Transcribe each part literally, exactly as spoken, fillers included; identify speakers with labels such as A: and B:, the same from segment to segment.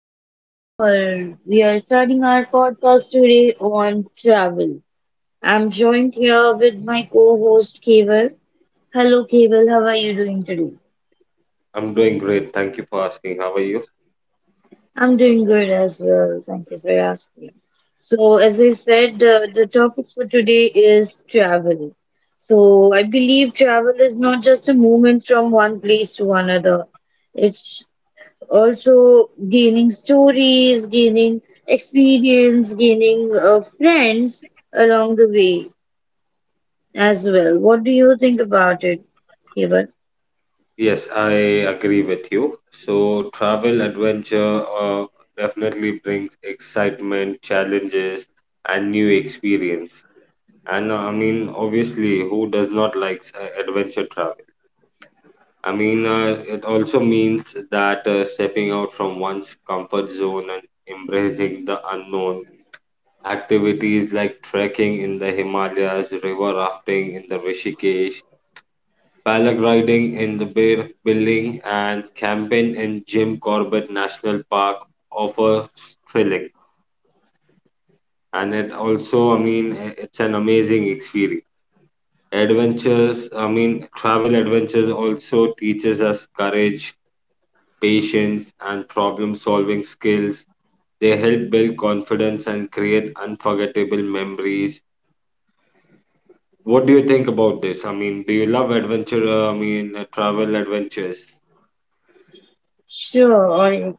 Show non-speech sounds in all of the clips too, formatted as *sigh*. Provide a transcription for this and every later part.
A: host Komal. We are starting our podcast today on travel. I'm joined here with my co-host Keval. Hello Keval, how are you doing today?
B: I'm doing great. Thank you for asking. How are you?
A: I'm doing good as well. Thank you for asking. So as I said, uh, the topic for today is travel. So I believe travel is not just a movement from one place to another. It's also gaining stories, gaining experience, gaining uh, friends along the way as well. What do you think about it, Keval?
B: Yes, I agree with you. So, travel adventure uh, definitely brings excitement, challenges, and new experience. And uh, I mean, obviously, who does not like uh, adventure travel? I mean, uh, it also means that uh, stepping out from one's comfort zone and embracing the unknown. Activities like trekking in the Himalayas, river rafting in the Rishikesh, paragliding in the Bear Building, and camping in Jim Corbett National Park offer thrilling. And it also, I mean, it's an amazing experience. Adventures, I mean, travel adventures also teaches us courage, patience, and problem-solving skills. They help build confidence and create unforgettable memories. What do you think about this? I mean, do you love adventure? Uh, I mean, uh, travel adventures?
A: Sure. I,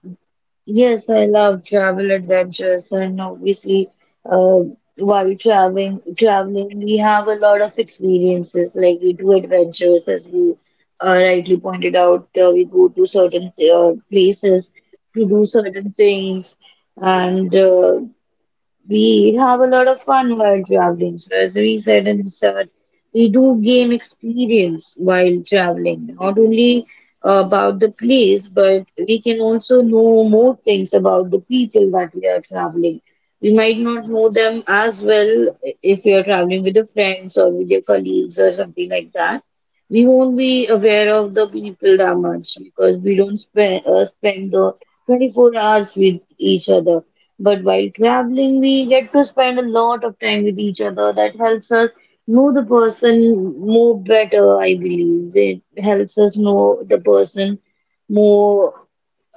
A: yes, I love travel adventures, and obviously, uh, while traveling, traveling, we have a lot of experiences. Like we do adventures, as you uh, rightly pointed out. Uh, we go to certain uh, places to do certain things, and uh, we have a lot of fun while traveling. So, as we said in the start, we do gain experience while traveling, not only uh, about the place, but we can also know more things about the people that we are traveling. We might not know them as well if we are traveling with your friends or with your colleagues or something like that. We won't be aware of the people that much because we don't spend, uh, spend the twenty-four hours with each other, but while traveling, we get to spend a lot of time with each other. That helps us know the person more better, I believe. It helps us know the person more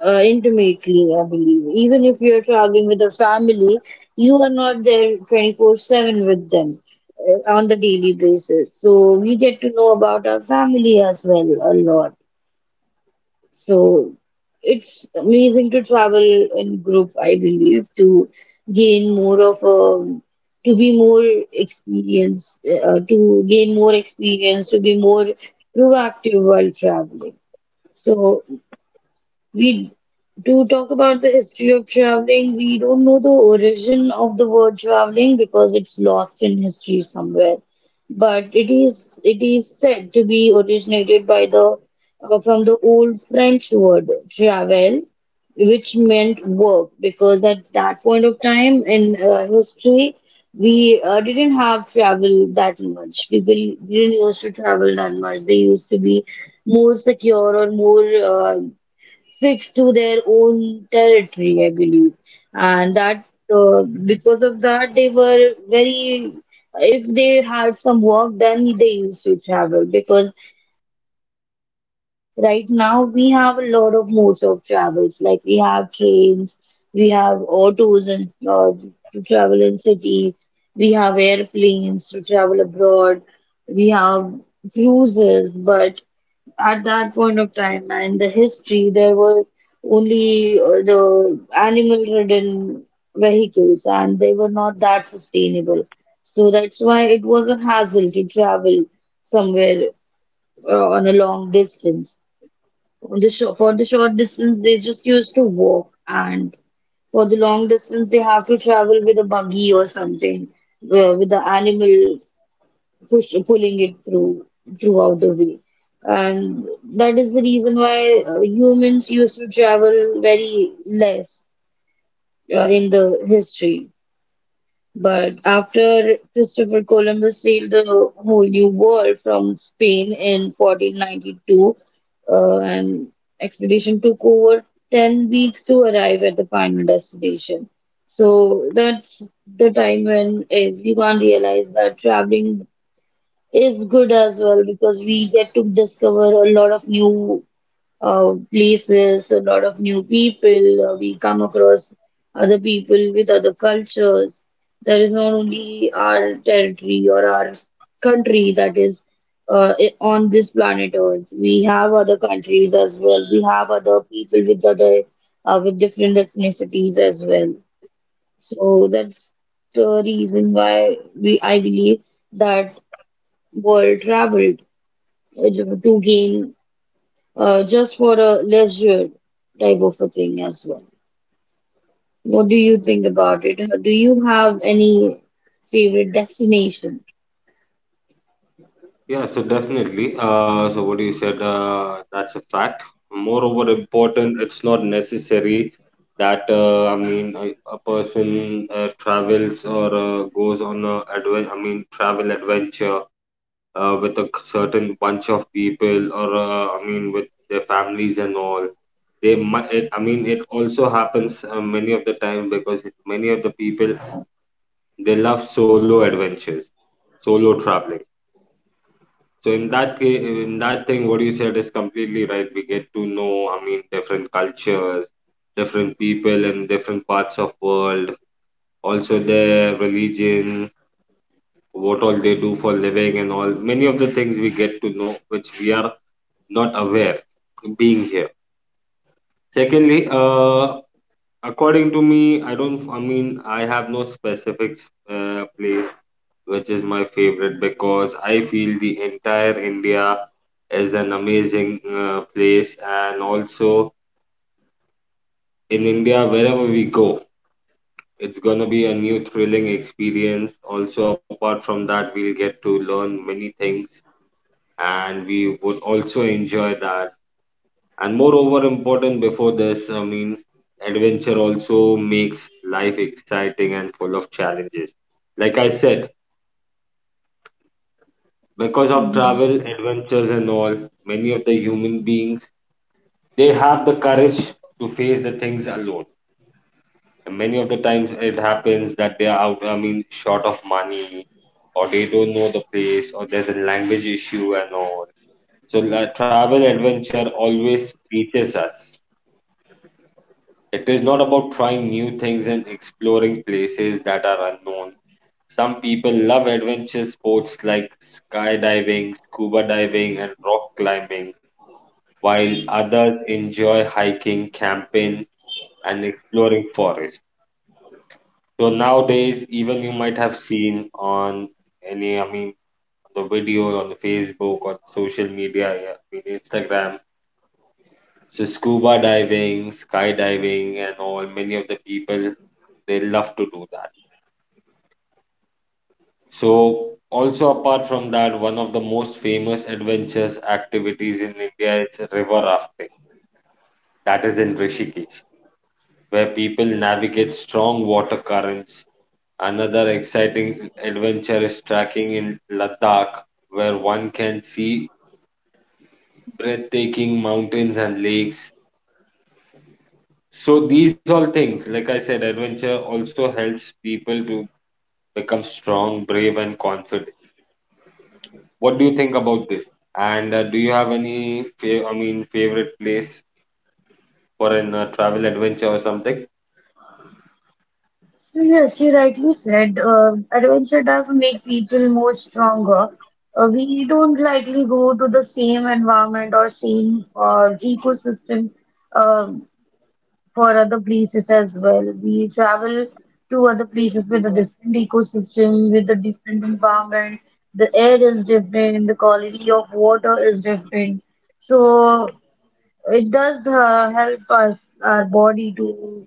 A: uh, intimately, I believe. Even if you're traveling with a family, you are not there twenty-four seven with them uh, on the daily basis. So we get to know about our family as well a lot. So it's amazing to travel in group, I believe, to gain more of a, to be more experienced, uh, to gain more experience, to be more proactive while traveling. So we do talk about the history of traveling. We don't know the origin of the word traveling because it's lost in history somewhere. But it is it is said to be originated by the uh, from the old French word travel, which meant work. Because at that point of time in uh, history, we uh, didn't have travel that much. People didn't used to travel that much. They used to be more secure or more. Uh, sticks to their own territory, I believe, and that uh, because of that they were very. If they had some work, then they used to travel, because right now we have a lot of modes of travels. Like we have trains, we have autos and uh, to travel in city, we have airplanes to travel abroad, we have cruises, but at that point of time and the history there were only uh, the animal ridden vehicles and they were not that sustainable, so that's why it was a hassle to travel somewhere uh, on a long distance. On the short, for the short distance they just used to walk, and for the long distance they have to travel with a buggy or something uh, with the animal push, pulling it through throughout the way. And that is the reason why uh, humans used to travel very less uh, in the history. But after Christopher Columbus sailed the whole new world from Spain in fourteen ninety-two, uh, and expedition took over ten weeks to arrive at the final destination. So that's the time when everyone realized that traveling is good as well, because we get to discover a lot of new uh, places, a lot of new people. Uh, we come across other people with other cultures. There is not only our territory or our country that is uh, i- on this planet Earth. We have other countries as well. We have other people with other uh, with different ethnicities as well. So that's the reason why we I believe that world travel uh, ju- to gain uh, just for a leisure type of a thing as well. What do you think about it? Uh, Do you have any favorite destination?
B: Yeah, so definitely. Uh, so what you said, uh, that's a fact. Moreover, important, it's not necessary that uh, I mean a, a person uh, travels or uh, goes on a adven- I mean travel adventure uh, with a certain bunch of people or uh, I mean with their families and all. They might, it, I mean, It also happens uh, many of the time because many of the people they love solo adventures, solo traveling. So in that ca- in that thing, what you said is completely right. We get to know, I mean, different cultures, different people in different parts of world, also their religion, what all they do for living and all. Many of the things we get to know, which we are not aware being here. Secondly, uh, according to me, I don't, I mean, I have no specific uh, place which is my favorite because I feel the entire India is an amazing uh, place, and also in India, wherever we go, it's gonna be a new thrilling experience. Also, apart from that, we'll get to learn many things, and we would also enjoy that. And moreover, important before this, I mean, adventure also makes life exciting and full of challenges. Like I said, because of
A: Mhm.
B: travel adventures and all, many of the human beings, they have the courage to face the things alone, and many of the times it happens that they are out, i mean short of money, or they don't know the place, or there's a language issue and all. So la travel adventure always teaches us, it is not about trying new things and exploring places that are unknown. Some people love adventure sports like skydiving, scuba diving, and rock climbing, while others enjoy hiking, camping, and exploring forests. So nowadays, even you might have seen on any, I mean, on the video on the Facebook on social media, I mean Instagram. So scuba diving, skydiving, and all. Many of the people they love to do that. So also apart from that, one of the most famous adventures activities in India is river rafting. That is in Rishikesh, where people navigate strong water currents. Another exciting adventure is trekking in Ladakh, where one can see breathtaking mountains and lakes. So, these all things, like I said, adventure also helps people to become strong, brave, and confident. What do you think about this? And uh, do you have any fa- I mean, favorite place for an uh, travel adventure or something?
A: So yes, you rightly said, uh, adventure does make people more stronger. Uh, we don't likely go to the same environment or same uh, ecosystem for other places as well. We travel to other places with a different ecosystem, with a different environment. The air is different, the quality of water is different. So it does uh, help us, our body, to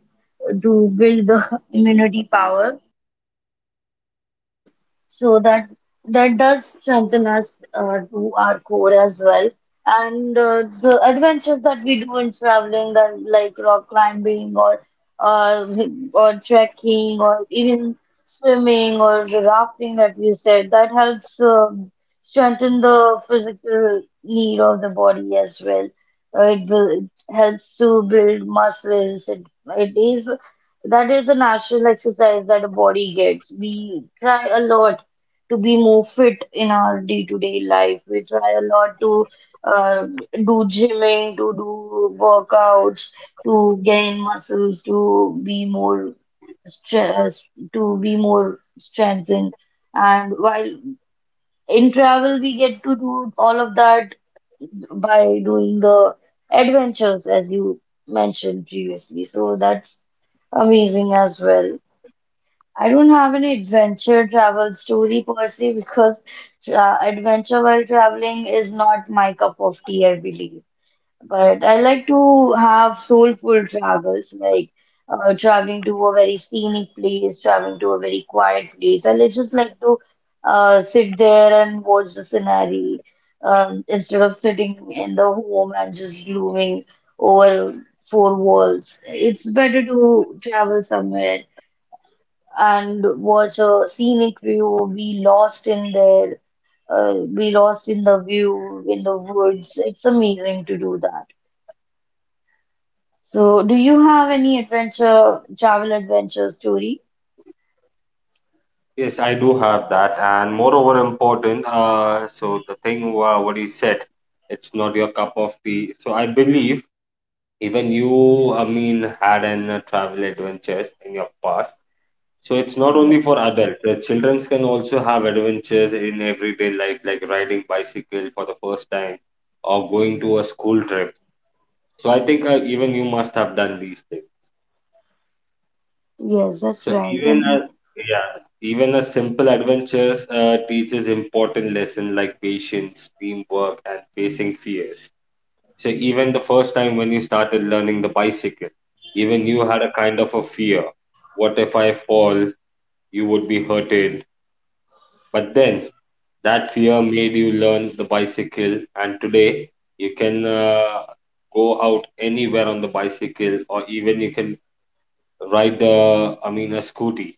A: to build the *laughs* immunity power. So that that does strengthen us uh, to our core as well. And uh, the adventures that we do in traveling, that like rock climbing or uh, or trekking or even swimming or the rafting that we said, that helps uh, strengthen the physical need of the body as well. Uh, it, will, it helps to build muscles. It, it is That is a natural exercise that a body gets. We try a lot to be more fit in our day-to-day life. We try a lot to uh, do gymming, to do workouts, to gain muscles, to be more stress, to be more strengthened. And while in travel, we get to do all of that by doing the adventures, as you mentioned previously. So that's amazing as well. I don't have any adventure travel story per se because tra adventure while traveling is not my cup of tea, I believe. But I like to have soulful travels, like uh, traveling to a very scenic place, traveling to a very quiet place. I li- just like to uh, sit there and watch the scenery um, instead of sitting in the home and just glooming over four walls. It's better to travel somewhere and watch a scenic view, be lost in there, uh, be lost in the view, in the woods. It's amazing to do that. So, do you have any adventure, travel adventure story?
B: Yes, I do have that, and moreover important. Uh, so the thing wha- what you said, it's not your cup of tea. So I believe even you, I mean, had an uh, travel adventures in your past. So it's not
A: Yeah.
B: only for adults. The children can also have adventures in everyday life, like riding bicycle for the first time or going to a school trip. So I think uh, even you must have done these things.
A: Yes, that's
B: So
A: right.
B: even a
A: And
B: yeah, even a simple adventures uh, teaches important lesson like patience, teamwork, and facing fears. So even the first time when you started learning the bicycle, even you had a kind of a fear. What if I fall? You would be hurted. But then that fear made you learn the bicycle, and today you can uh, go out anywhere on the bicycle, or even you can ride the I mean a scooty.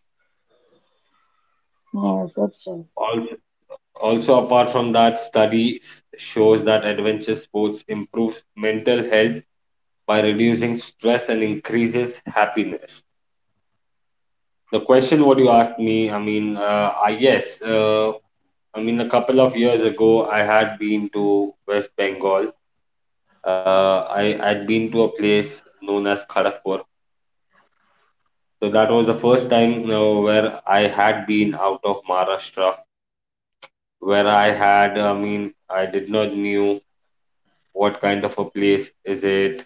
A: yes, that's right.
B: Al- Also, apart from that, studies shows that adventure sports improves mental health by reducing stress and increases happiness. The question what you asked me, I mean, uh, I yes, uh, I mean a couple of years ago, I had been to West Bengal. Uh, I had been to a place known as Kharagpur. So that was the first time uh, where I had been out of Maharashtra, where I had, I mean, I did not knew what kind of a place is it,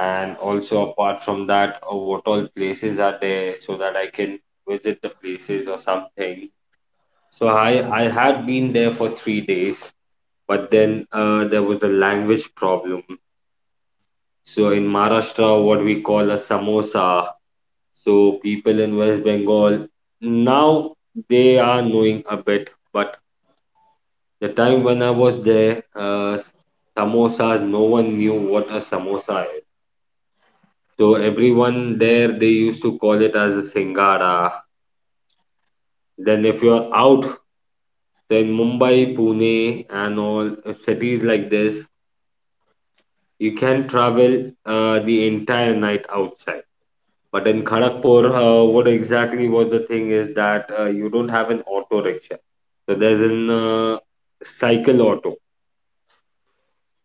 B: and also apart from that, uh, what all places are there so that I can visit the places or something. So I I had been there for three days, but then uh, there was a language problem. So in Maharashtra, what we call a samosa. So people in West Bengal now they are knowing a bit, but the time when I was there, uh, samosas, no one knew what a samosa is. So everyone there, they used to call it as a Singara. Then if you're out, then Mumbai, Pune, and all uh, cities like this, you can travel uh, the entire night outside. But in Kharagpur, uh, what exactly was the thing is that uh, you don't have an auto rickshaw. So there's an uh, cycle auto,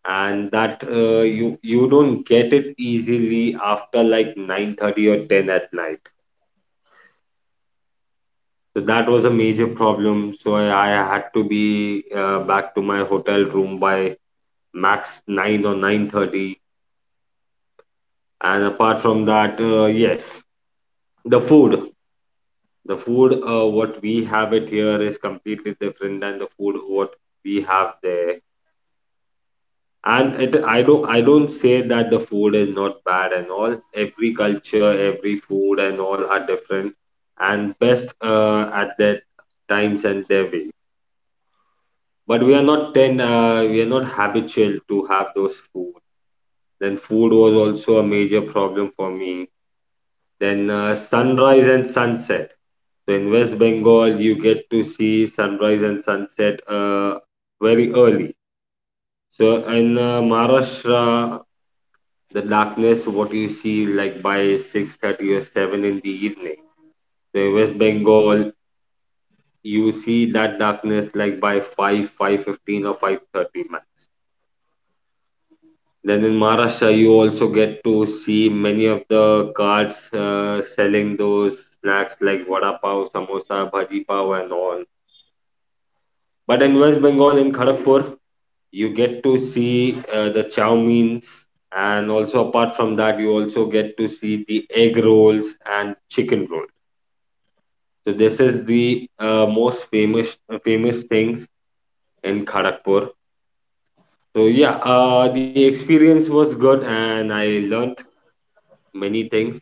B: and that uh, you you don't get it easily after like nine thirty or ten at night. So that was a major problem. So I, I had to be uh, back to my hotel room by max nine or nine thirty. And apart from that, uh, yes, the food, the food uh, what we have it here is completely different than the food what we have there. And it, I don't I don't say that the food is not bad and all. Every culture, every food and all are different and best uh, at their times and their way. But we are not ten uh, we are not habitual to have those food. Then food was also a major problem for me. Then uh, sunrise and sunset, so in West Bengal you get to see sunrise and sunset uh, very early. So in uh, Maharashtra, the darkness what you see like by six thirty or seven in the evening, so in West Bengal you see that darkness like by five five fifteen or five thirty. Then in Maharashtra, you also get to see many of the carts uh, selling those snacks like vada pav, samosa, bhaji pav, and all. But in West Bengal, in Kharagpur, you get to see uh, the chow means, and also apart from that, you also get to see the egg rolls and chicken rolls. So this is the uh, most famous famous things in Kharagpur. So yeah, uh, the experience was good, and I learnt many things.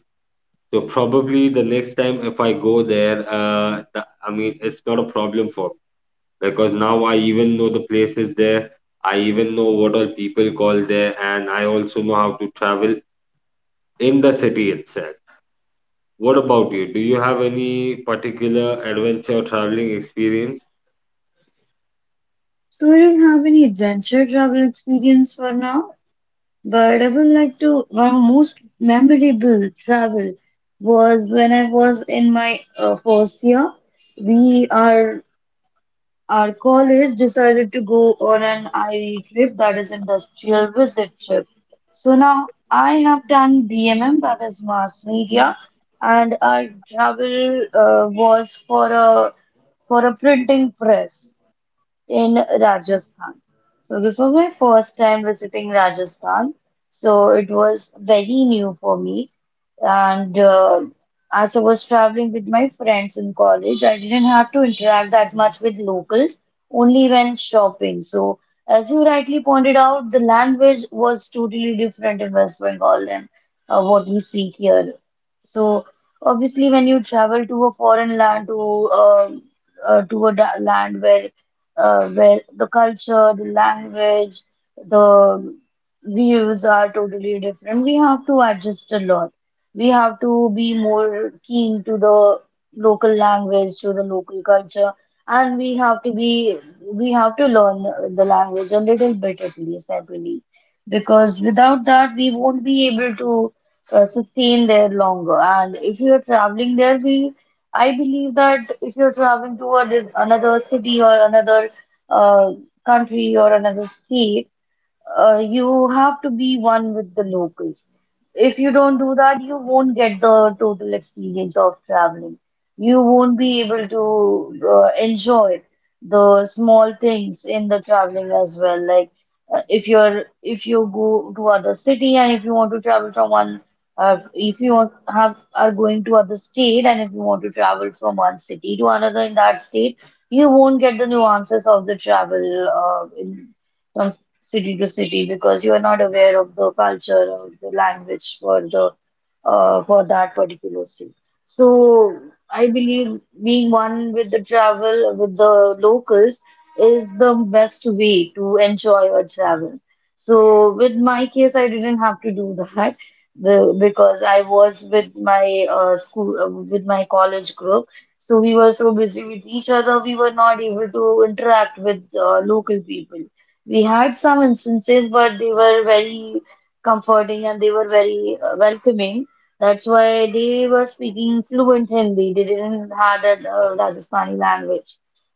B: So probably the next time if I go there, uh, the, I mean, it's not a problem for me because now I even know the places there. I even know what all people call there, and I also know how to travel in the city itself. What about you? Do you have any particular adventure or traveling experience?
A: So, I don't have any adventure travel experience for now, but I would like to. My most memorable travel was when I was in my uh, first year. We are Our college decided to go on an I E trip, that is industrial visit trip. So now I have done B M M, that is mass media, and our travel uh, was for a for a printing press in Rajasthan. So this was my first time visiting Rajasthan. So it was very new for me. And uh, as I was traveling with my friends in college, I didn't have to interact that much with locals, only when shopping. So as you rightly pointed out, the language was totally different in West Bengal than uh, what we speak here. So obviously, when you travel to a foreign land to um uh, to a da- land where uh, where the culture, the language, the views are totally different. We have to adjust a lot. We have to be more keen to the local language, to the local culture, and we have to be we have to learn the language a little bit at least, I believe, because without that we won't be able to uh, sustain there longer. And if you are traveling there, we I believe that if you're traveling to a, di- another city or another uh, country or another state, uh, you have to be one with the locals. If you don't do that, you won't get the total experience of traveling. You won't be able to uh, enjoy the small things in the traveling as well. Like uh, if you're if you go to other city and if you want to travel from one uh, if you want, have are going to other state and if you want to travel from one city to another in that state, you won't get the nuances of the travel uh, in city to city because you are not aware of the culture or the language for the uh, for that particular city. So I believe being one with the travel with the locals is the best way to enjoy your travel. So with my case, I didn't have to do that *laughs* the- because I was with my uh, school uh, with my college group. So we were so busy with each other, we were not able to interact with uh, local people. We had some instances, but they were very comforting and they were very uh, welcoming. That's why they were speaking fluent Hindi. They didn't have that uh, Rajasthani language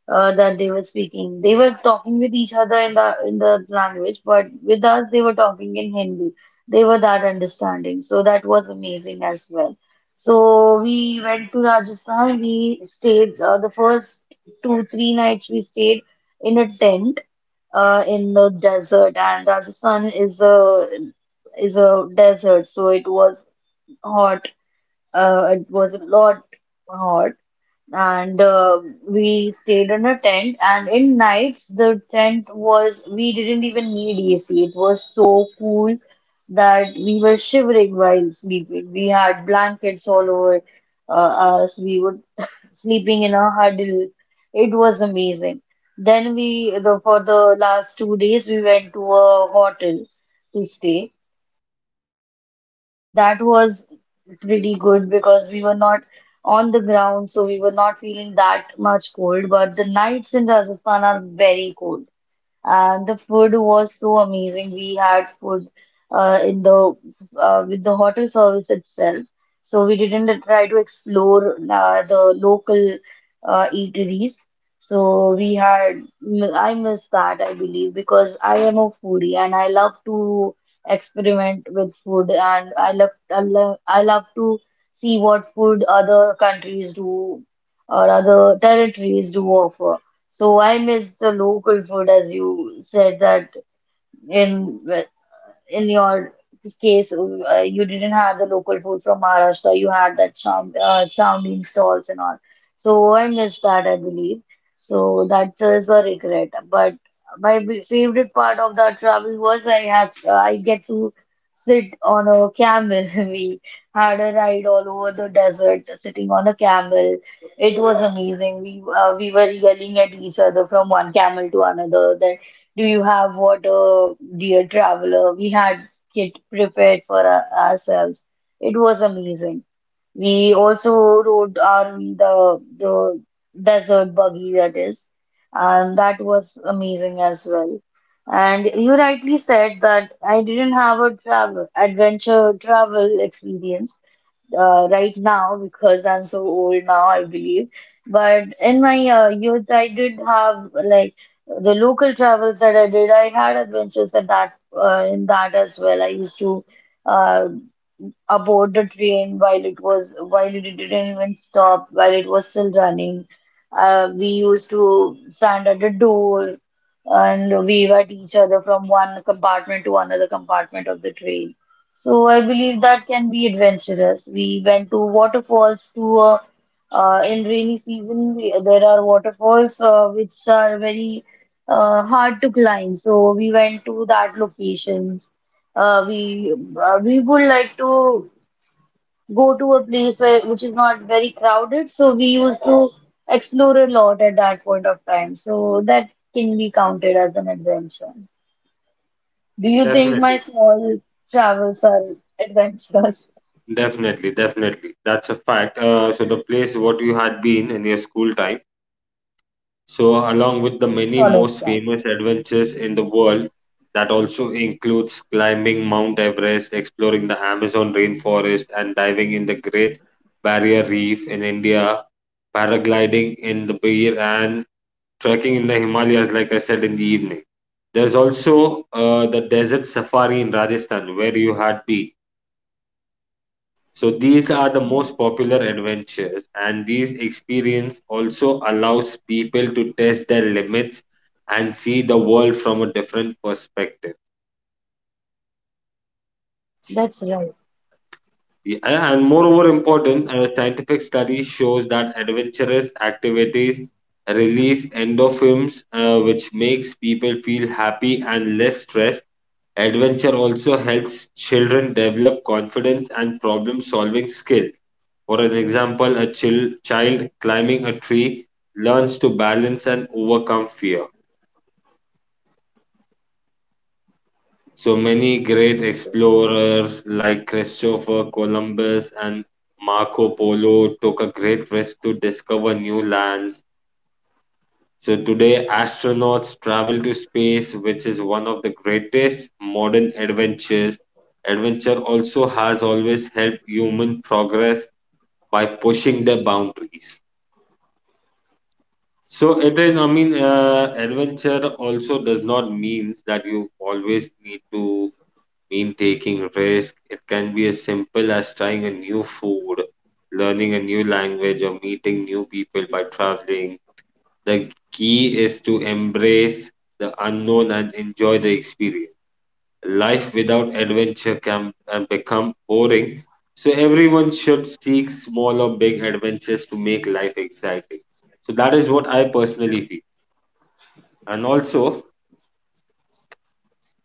A: uh, that they were speaking. They were talking with each other in the in the language, but with us they were talking in Hindi. They were that understanding, so that was amazing as well. So we went to Rajasthan. We stayed uh, the first two three nights we stayed in a tent uh, in the desert, and Rajasthan is a is a desert, so it was hot. Uh, it was a lot hot, and uh, we stayed in a tent. And in nights, the tent was we didn't even need A C. It was so cool that we were shivering while sleeping. We had blankets all over uh, us. We would sleeping in a huddle. It was amazing. Then we, the, for the last two days, we went to a hotel to stay. That was pretty good because we were not on the ground, so we were not feeling that much cold. But the nights in Rajasthan are very cold. And the food was so amazing. We had food uh, in the uh, with the hotel service itself. So we didn't try to explore uh, the local uh, eateries. So we had, I miss that, I believe, because I am a foodie and I love to experiment with food and I love, I love, I love to see what food other countries do or other territories do offer. So I miss the local food, as you said that in in your case, uh, you didn't have the local food from Maharashtra. You had that chow, uh, chow mein stalls and all. So I miss that, I believe. So that is a regret. But my b- favorite part of that travel was I had uh, I get to sit on a camel. *laughs* We had a ride all over the desert, sitting on a camel. It was amazing. We uh, we were yelling at each other from one camel to another. Do you have water, dear traveler? We had kit prepared for our- ourselves. It was amazing. We also rode on the the desert buggy that is, and that was amazing as well. And you rightly said that I didn't have a travel adventure travel experience uh, right now because I'm so old now, I believe. But in my uh, youth, I did have like the local travels that I did. I had adventures at that uh, in that as well. I used to. uh, aboard the train while it was while it didn't even stop while it was still running, uh, we used to stand at the door and wave at each other from one compartment to another compartment of the train. So I believe that can be adventurous. We went to waterfalls to uh, uh, in rainy season we, there are waterfalls uh, which are very uh, hard to climb, so we went to that locations. uh, we uh, we would like to go to a place where which is not very crowded. So we used to explore a lot at that point of time. So that can be counted as an adventure. Do you think my
B: Definitely,
A: small travels are adventurous?
B: definitely, definitely. That's a fact. Uh, so the place what you had been in your school time. So, along with the many
A: College
B: most
A: time.
B: famous adventures in the world, that also includes climbing Mount Everest, exploring the Amazon rainforest, and diving in the Great Barrier Reef in India, paragliding in the Bear, and trekking in the Himalayas, like I said in the evening. There's also uh, the desert safari in Rajasthan, where you had been, so these are the most
A: Yes.
B: popular adventures, and these experience also allows people to test their limits and see the world from a different perspective.
A: That's right.
B: Yeah, and moreover important, a scientific study shows that adventurous activities release endorphins, uh, which makes people feel happy and less stressed. Adventure also helps children develop confidence and problem solving skill. For an example, a chil- child climbing a tree learns to balance and overcome fear. So many great explorers like Christopher Columbus and Marco Polo took a great risk to discover new lands. So today, astronauts travel to space, which is one of the greatest modern adventures. Adventure also has always helped human progress by pushing their boundaries. So it is, I mean, uh, adventure also does not mean that you always need to mean taking risk. It can be as simple as trying a new food, learning a new language, or meeting new people by traveling. The key is to embrace the unknown and enjoy the experience. Life without adventure can, can become boring, so everyone should seek small or big adventures to make life exciting. So that is what I personally feel. And also,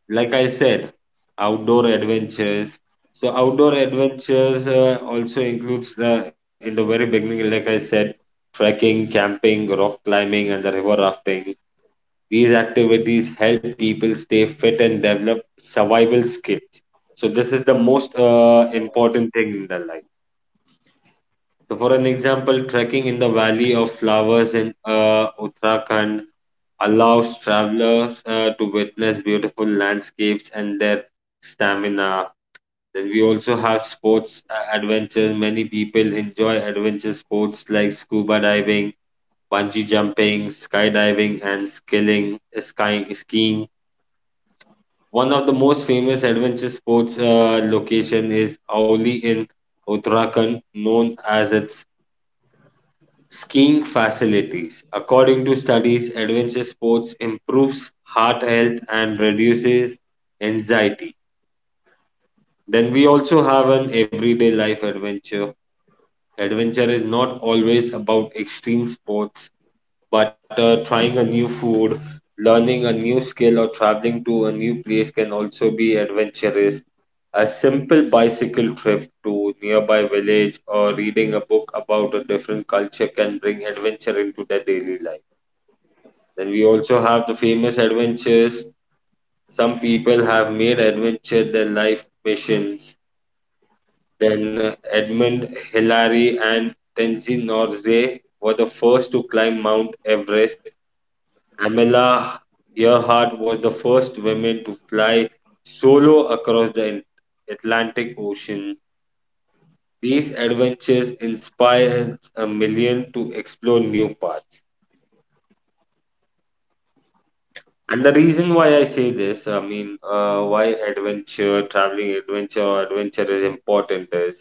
B: like I said, outdoor adventures. So outdoor adventures uh, also includes the in the very beginning, like I said, trekking, camping, rock climbing, and the river rafting. These activities help people stay fit and develop survival skills. So this is the most uh, important thing in their life. So for an example, trekking in the Valley of Flowers in uh, Uttarakhand allows travelers uh, to witness beautiful landscapes and their stamina. Then we also have sports uh, adventures. Many people enjoy adventure sports like scuba diving, bungee jumping, skydiving, and skilling, uh, sky, skiing. One of the most famous adventure sports uh, location is Auli in Uttarakhand, known as its skiing facilities. According to studies, adventure sports improves heart health and reduces anxiety. Then we also have an everyday life adventure. Adventure is not always about extreme sports, but uh, trying a new food, learning a new skill, or traveling to a new place can also be adventurous. A simple bicycle trip to nearby village or reading a book about a different culture can bring adventure into their daily life. Then we also have the famous adventures. Some people have made adventure their life missions. Then Edmund Hillary and Tenzin Norgay were the first to climb Mount Everest. Amelia Earhart was the first woman to fly solo across the Atlantic Ocean. These adventures inspire a million to explore new paths. And the reason why I say this, I mean, uh, why adventure, traveling adventure or adventure is important is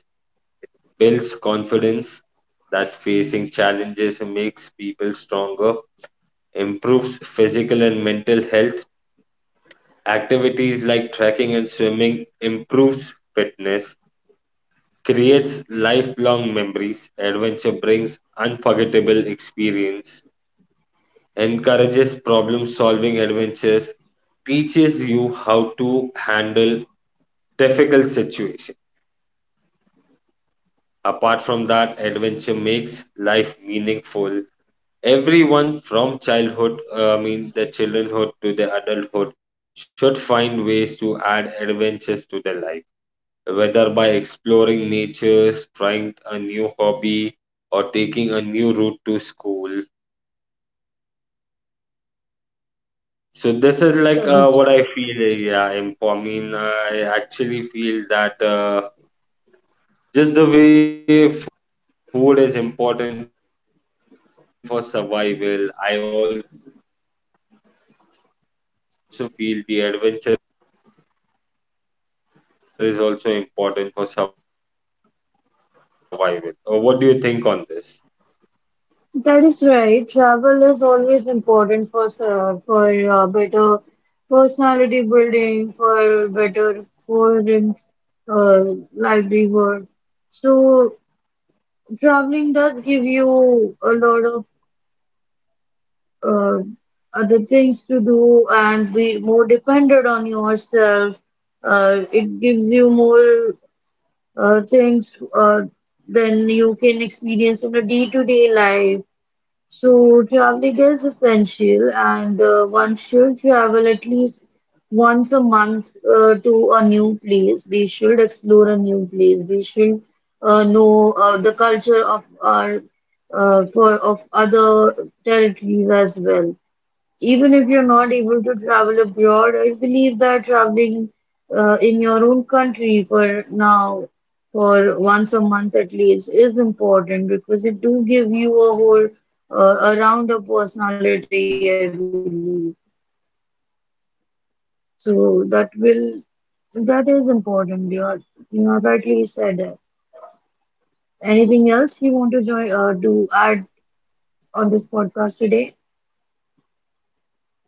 B: builds confidence that facing challenges makes people stronger, improves physical and mental health. Activities like trekking and swimming improves fitness, creates lifelong memories. Adventure brings unforgettable experience, encourages problem solving adventures, teaches you how to handle difficult situations. Apart from that, adventure makes life meaningful. Everyone from childhood, uh, I mean the childhood to the adulthood, should find ways to add adventures to their life, whether by exploring nature, trying a new hobby, or taking a new route to school. So this is like
A: The
B: uh, what
A: history.
B: I feel. uh, Yeah, imp- I mean, I actually feel that uh, just the way food is important for survival, I also feel the adventure is also important for survival. Or what do you think on this?
A: That is right. Travel is always important for uh, for uh, better personality building, for better for in, uh, livelihood. So traveling does give you a lot of uh, other things to do and be more dependent on yourself. Uh, it gives you more uh, things uh, than you can experience in a day-to-day life. So traveling is essential, and uh, one should travel at least once a month uh, to a new place. We should explore a new place. We should uh, know uh, the culture of our uh, for of other territories as well. Even if you're not able to travel abroad, I believe that traveling uh, in your own country for now, for once a month at least, is important because it do give you a whole uh, a rounder personality, I believe. So that will that is important. You are you are rightly said. Anything else you want to join uh, to add on this podcast today?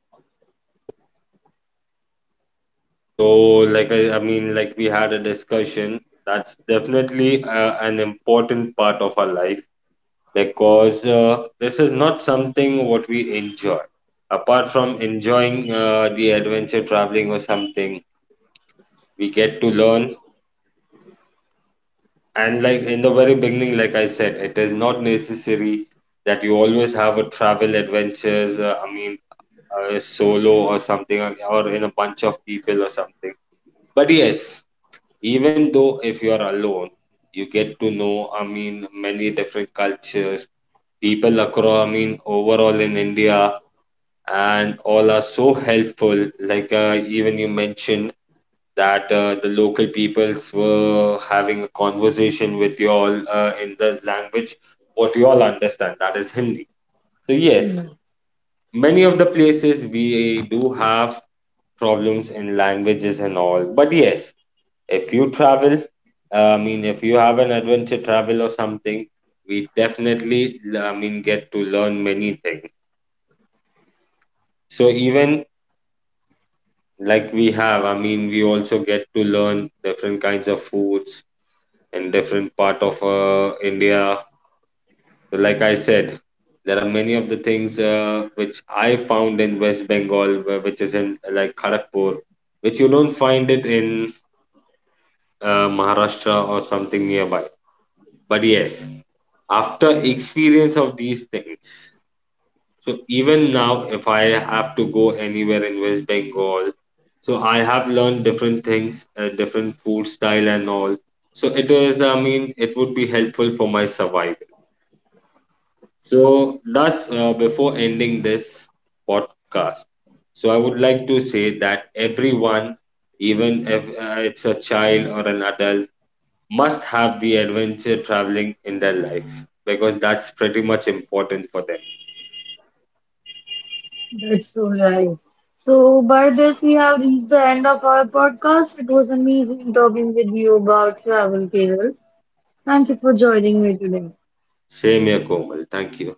B: Yes, that's true. So, like I, I mean, like we had a discussion. That's definitely uh, an important part of our life because uh, this is not something what we enjoy. Apart from enjoying uh, the adventure traveling or something, we get to learn. And like in the very beginning, like I said, it is not necessary that you always have a travel adventures, uh, I mean uh, solo or something uh, or in a bunch of people or something. But yes, even though if you are alone, you get to know, I mean, many different cultures, people across, I mean overall in India, and all are so helpful. Like uh, even you mentioned that uh, the local peoples were having a conversation with you all uh, in the language what you all understand, that is Hindi. So, yes, many of the places we do have problems in languages and all, but yes, if you travel, uh, I mean, if you have an adventure travel or something, we definitely, I mean, get to learn many things. So, even like we have, I mean, we also get to learn different kinds of foods in different part of uh, India. So, like I said, there are many of the things uh, which I found in West Bengal, wh- which is in uh, like Kharagpur, which you don't find it in uh, Maharashtra or something nearby. But yes, after experience of these things, so even now, if I have to go anywhere in West Bengal, so I have learned different things, uh, different food style and all. So it is, I mean, it would be helpful for my survival. So, thus, uh, before ending this podcast, so I would like to say that everyone, even if uh, it's a child or an adult, must have the adventure traveling in their life because that's pretty much important for them.
A: That's so right. So, by this, we have reached the end of our podcast. It was amazing talking with you about travel, Carol. Thank you for joining me today.
B: Same here, Komal. Thank you.